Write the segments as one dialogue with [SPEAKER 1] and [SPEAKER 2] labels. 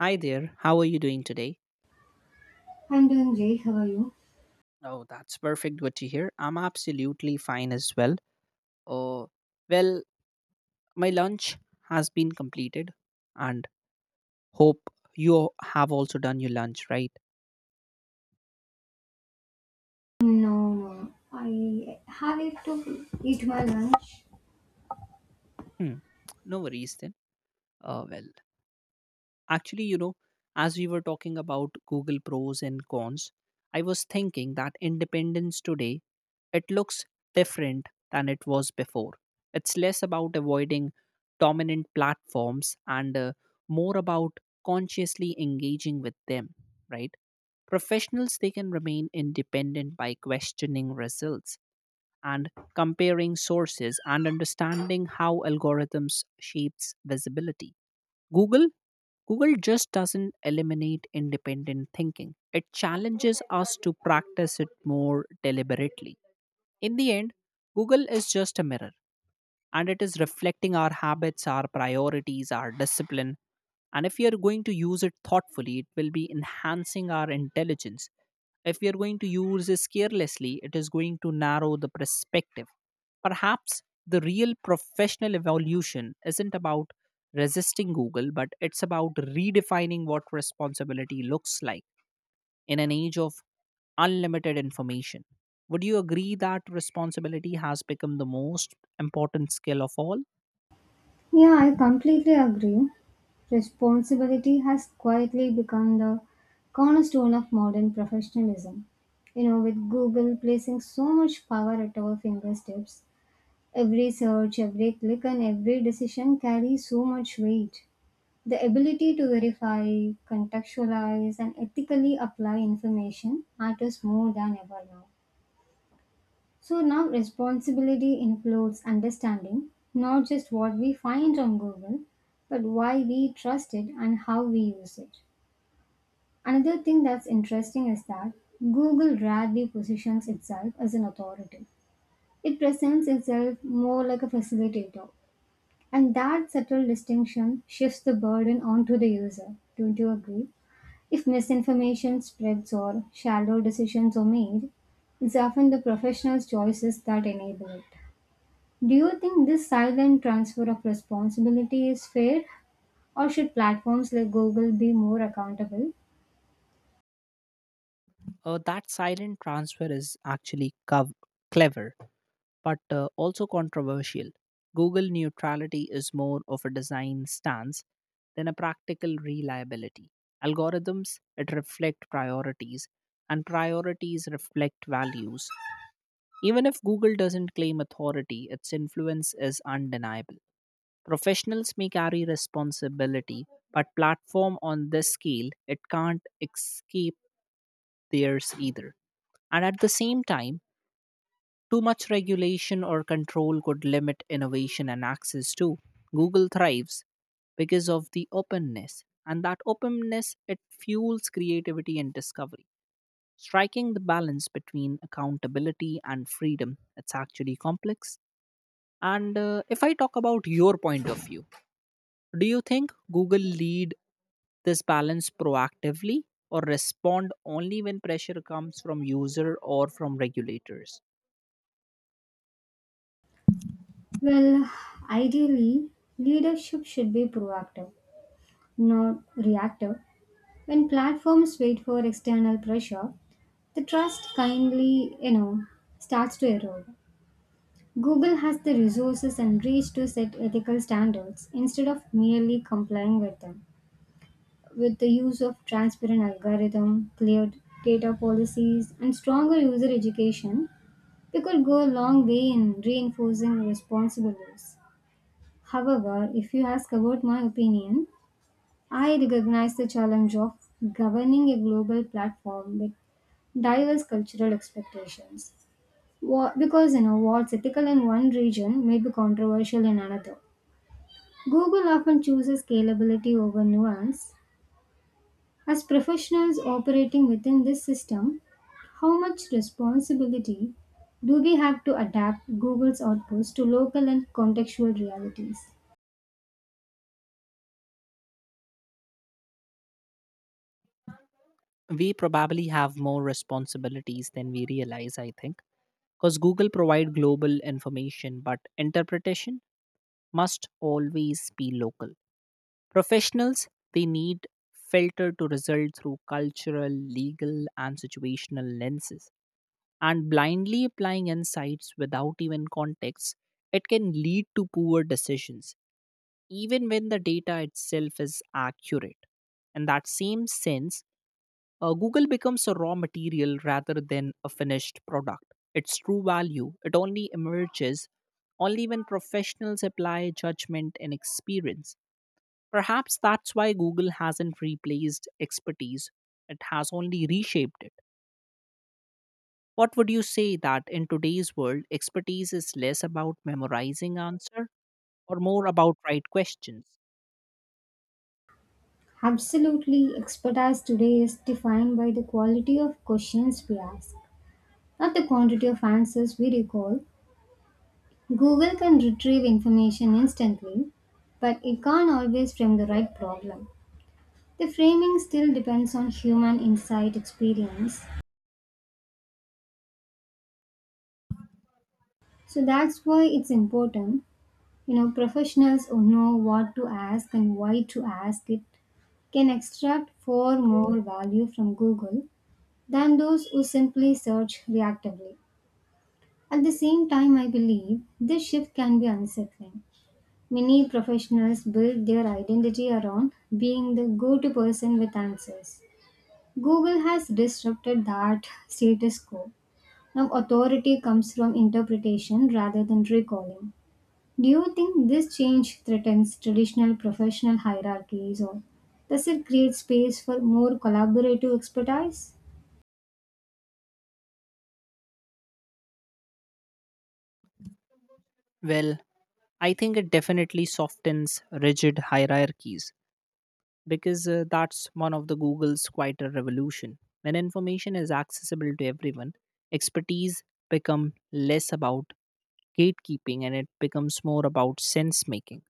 [SPEAKER 1] Hi there, how are you doing today?
[SPEAKER 2] I'm doing great. How are you?
[SPEAKER 1] Oh, that's perfect. Good to hear. I'm absolutely fine as well. Oh, well, my lunch has been completed, and hope you have also done your lunch, right?
[SPEAKER 2] No, no. I have it to eat my lunch.
[SPEAKER 1] Hmm. No worries then. Uh, well, Actually, you know, as we were talking about Google pros and cons, I was thinking that independence today, it looks different than it was before. It's less about avoiding dominant platforms and more about consciously engaging with them, right? Professionals they can remain independent by questioning results and comparing sources and understanding how algorithms shapes visibility. Google Google just doesn't eliminate independent thinking. It challenges us to practice it more deliberately. In the end, Google is just a mirror and it is reflecting our habits, our priorities, our discipline. And if we are going to use it thoughtfully, it will be enhancing our intelligence. If we are going to use this carelessly, it is going to narrow the perspective. Perhaps the real professional evolution isn't about resisting Google, but it's about redefining what responsibility looks like in an age of unlimited information. Would you agree that responsibility has become the most important skill of all?
[SPEAKER 2] Yeah, I completely agree. Responsibility has quietly become the cornerstone of modern professionalism. You know, with Google placing so much power at our fingertips, every search, every click, and every decision carries so much weight. The ability to verify, contextualize, and ethically apply information matters more than ever now. So now responsibility includes understanding not just what we find on Google, but why we trust it and how we use it. Another thing that's interesting is that Google rarely positions itself as an authority. It presents itself more like a facilitator. And that subtle distinction shifts the burden onto the user. Don't you agree? If misinformation spreads or shallow decisions are made, it's often the professional's choices that enable it. Do you think this silent transfer of responsibility is fair, or should platforms like Google be more accountable?
[SPEAKER 1] That silent transfer is actually clever, but also controversial. Google neutrality is more of a design stance than a practical reliability. Algorithms it reflect priorities, and priorities reflect values. Even if Google doesn't claim authority, its influence is undeniable. Professionals may carry responsibility, but platform on this scale, it can't escape theirs either. And at the same time, too much regulation or control could limit innovation and access too. Google thrives because of the openness, and that openness it fuels creativity and discovery. Striking the balance between accountability and freedom, it's actually complex. And if I talk about your point of view, do you think Google lead this balance proactively or respond only when pressure comes from user or from regulators?
[SPEAKER 2] Well, ideally, leadership should be proactive, not reactive. When platforms wait for external pressure, the trust kindly, you know, starts to erode. Google has the resources and reach to set ethical standards instead of merely complying with them. With the use of transparent algorithm, clear data policies, and stronger user education, we could go a long way in reinforcing responsible use. However, if you ask about my opinion, I recognize the challenge of governing a global platform with diverse cultural expectations. Because you know what's ethical in one region may be controversial in another. Google often chooses scalability over nuance. As professionals operating within this system, how much responsibility do we have to adapt Google's outputs to local and contextual realities?
[SPEAKER 1] We probably have more responsibilities than we realize, I think, because Google provide global information, but interpretation must always be local. Professionals, they need filter to result through cultural, legal, and situational lenses, and blindly applying insights without even context, it can lead to poor decisions, even when the data itself is accurate. In that same sense, Google becomes a raw material rather than a finished product. Its true value, it only emerges only when professionals apply judgment and experience. Perhaps that's why Google hasn't replaced expertise, it has only reshaped it. What would you say that in today's world, expertise is less about memorizing answer or more about right questions?
[SPEAKER 2] Absolutely, expertise today is defined by the quality of questions we ask, not the quantity of answers we recall. Google can retrieve information instantly, but it can't always frame the right problem. The framing still depends on human insight experience, so that's why it's important. You know, professionals who know what to ask and why to ask it can extract far more value from Google than those who simply search reactively. At the same time, I believe this shift can be unsettling. Many professionals build their identity around being the go to person with answers. Google has disrupted that status quo. Now, authority comes from interpretation rather than recalling. Do you think this change threatens traditional professional hierarchies or does it create space for more collaborative expertise?
[SPEAKER 1] Well, I think it definitely softens rigid hierarchies because that's one of the Google's quite a revolution. When information is accessible to everyone, expertise become less about gatekeeping and it becomes more about sense making.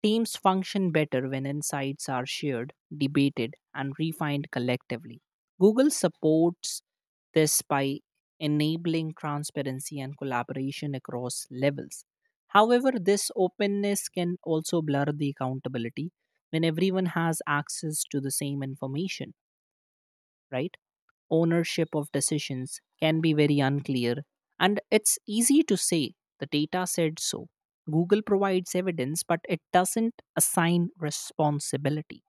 [SPEAKER 1] Teams function better when insights are shared, debated, and refined collectively. Google supports this by enabling transparency and collaboration across levels. However, this openness can also blur the accountability when everyone has access to the same information, right? Ownership of decisions can be very unclear, and it's easy to say the data said so. Google provides evidence, but it doesn't assign responsibility.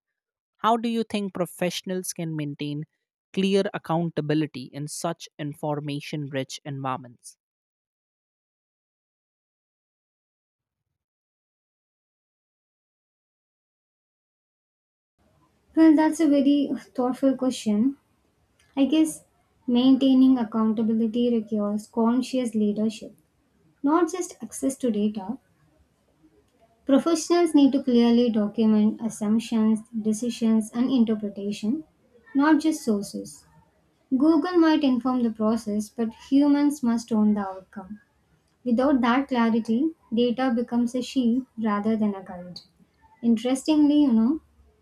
[SPEAKER 1] How do you think professionals can maintain clear accountability in such information rich environments?
[SPEAKER 2] Well, that's a very thoughtful question. I guess maintaining accountability requires conscious leadership, not just access to data. Professionals need to clearly document assumptions, decisions, and interpretation, not just sources. Google might inform the process, but humans must own the outcome. Without that clarity, data becomes a shield rather than a guide. Interestingly, you know,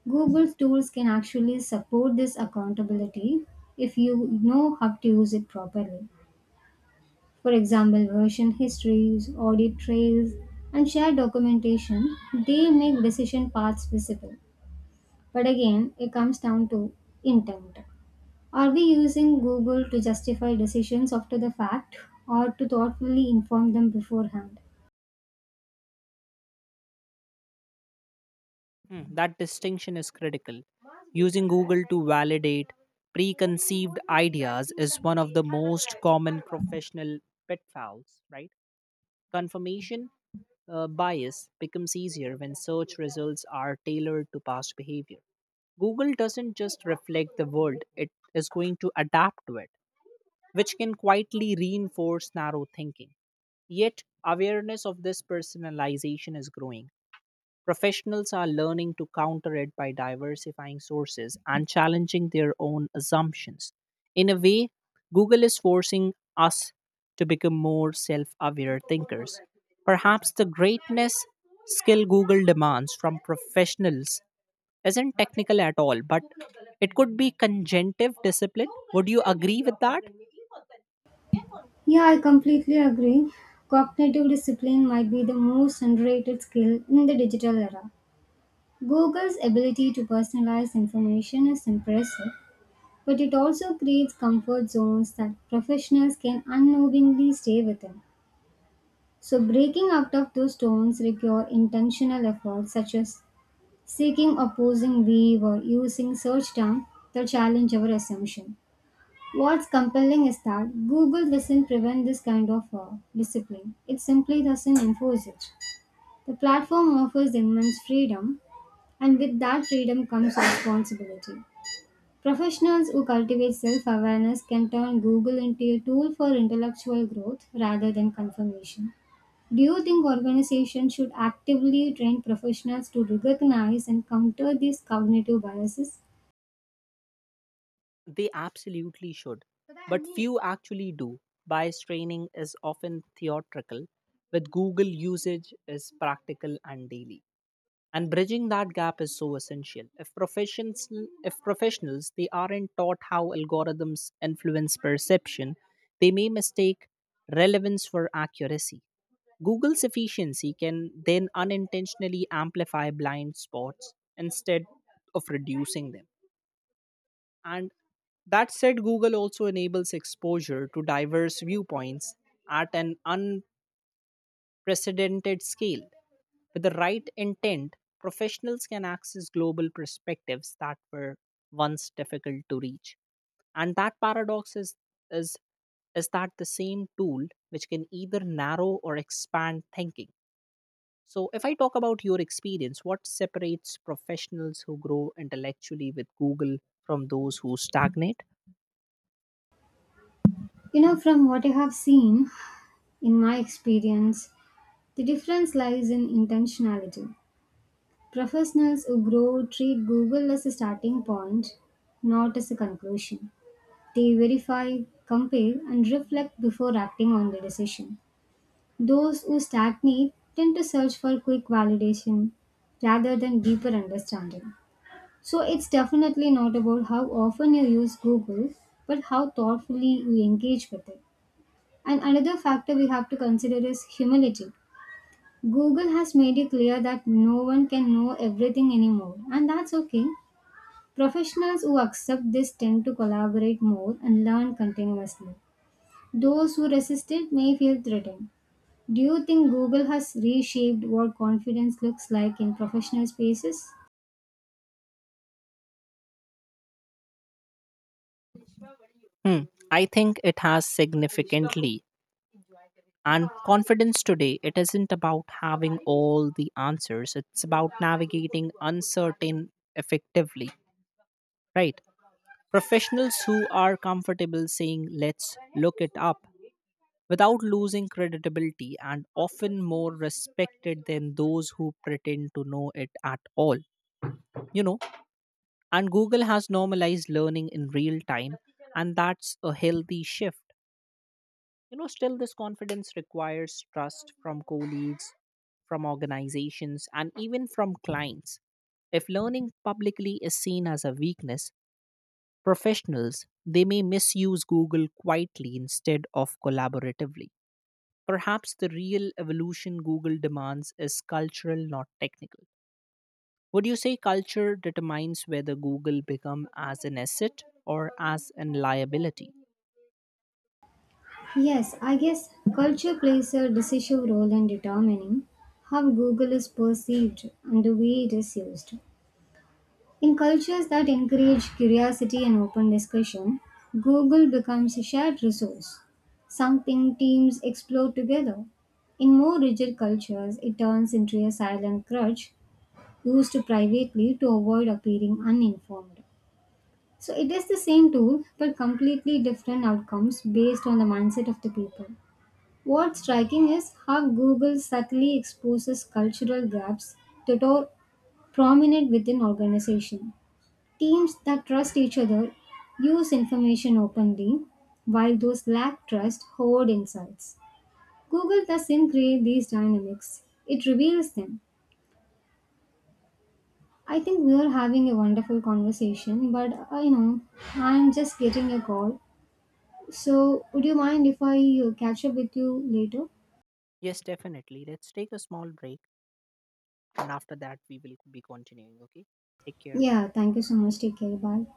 [SPEAKER 2] Google's tools can actually support this accountability if you know how to use it properly. For example, version histories, audit trails, and shared documentation, they make decision paths visible. But again, it comes down to intent. Are we using Google to justify decisions after the fact or to thoughtfully inform them beforehand?
[SPEAKER 1] Hmm, that distinction is critical. Using Google to validate preconceived ideas is one of the most common professional pitfalls, right? Confirmation bias becomes easier when search results are tailored to past behavior. Google doesn't just reflect the world, it is going to adapt to it, which can quietly reinforce narrow thinking. Yet, awareness of this personalization is growing. Professionals are learning to counter it by diversifying sources and challenging their own assumptions. In a way, Google is forcing us to become more self aware thinkers. Perhaps the greatness skill Google demands from professionals isn't technical at all, but it could be conjunctive discipline. Would you agree with that?
[SPEAKER 2] Yeah, I completely agree. Cognitive discipline might be the most underrated skill in the digital era. Google's ability to personalize information is impressive, but it also creates comfort zones that professionals can unknowingly stay within. So, breaking out of those zones require intentional efforts, such as seeking opposing view or using search terms that challenge our assumption. What's compelling is that Google doesn't prevent this kind of discipline, it simply doesn't enforce it. The platform offers immense freedom, and with that freedom comes responsibility. Professionals who cultivate self awareness can turn Google into a tool for intellectual growth rather than confirmation. Do you think organizations should actively train professionals to recognize and counter these cognitive biases?
[SPEAKER 1] They absolutely should, but few actually do. Bias training is often theatrical, with Google usage is practical and daily. And bridging that gap is so essential. If professionals, they aren't taught how algorithms influence perception, they may mistake relevance for accuracy. Google's efficiency can then unintentionally amplify blind spots instead of reducing them. And that said, Google also enables exposure to diverse viewpoints at an unprecedented scale. With the right intent, professionals can access global perspectives that were once difficult to reach. And that paradox is, is, is that the same tool which can either narrow or expand thinking. So, if I talk about your experience, what separates professionals who grow intellectually with Google from those who stagnate?
[SPEAKER 2] You know, from what I have seen in my experience, the difference lies in intentionality. Professionals who grow treat Google as a starting point, not as a conclusion. They verify, compare, and reflect before acting on the decision. Those who stagnate tend to search for quick validation rather than deeper understanding. So it's definitely not about how often you use Google, but how thoughtfully you engage with it. And another factor we have to consider is humility. Google has made it clear that no one can know everything anymore, and that's okay. Professionals who accept this tend to collaborate more and learn continuously. Those who resist it may feel threatened. Do you think Google has reshaped what confidence looks like in professional spaces?
[SPEAKER 1] Hmm. I think it has significantly. And confidence today, it isn't about having all the answers, it's about navigating uncertain effectively, right? Professionals who are comfortable saying, let's look it up without losing credibility and often more respected than those who pretend to know it at all, you know? And Google has normalized learning in real time, and that's a healthy shift. Still, this confidence requires trust from colleagues, from organizations, and even from clients. If learning publicly is seen as a weakness, professionals they may misuse Google quietly instead of collaboratively. Perhaps the real evolution Google demands is cultural, not technical. Would you say culture determines whether Google become as an asset or as an liability?
[SPEAKER 2] Yes, I guess culture plays a decisive role in determining how Google is perceived and the way it is used. In cultures that encourage curiosity and open discussion, Google becomes a shared resource, something teams explore together. In more rigid cultures, it turns into a silent crutch used privately to avoid appearing uninformed. So it is the same tool but completely different outcomes based on the mindset of the people. What's striking is how Google subtly exposes cultural gaps that are prominent within organization. Teams that trust each other use information openly, while those lack trust hoard insights. Google doesn't create these dynamics; it reveals them. I think we are having a wonderful conversation, but I know I'm just getting a call. So, would you mind if I catch up with you later?
[SPEAKER 1] Yes, definitely. Let's take a small break and after that we will be continuing. Okay, take care, bye.
[SPEAKER 2] Yeah, thank you so much. Take care. Bye.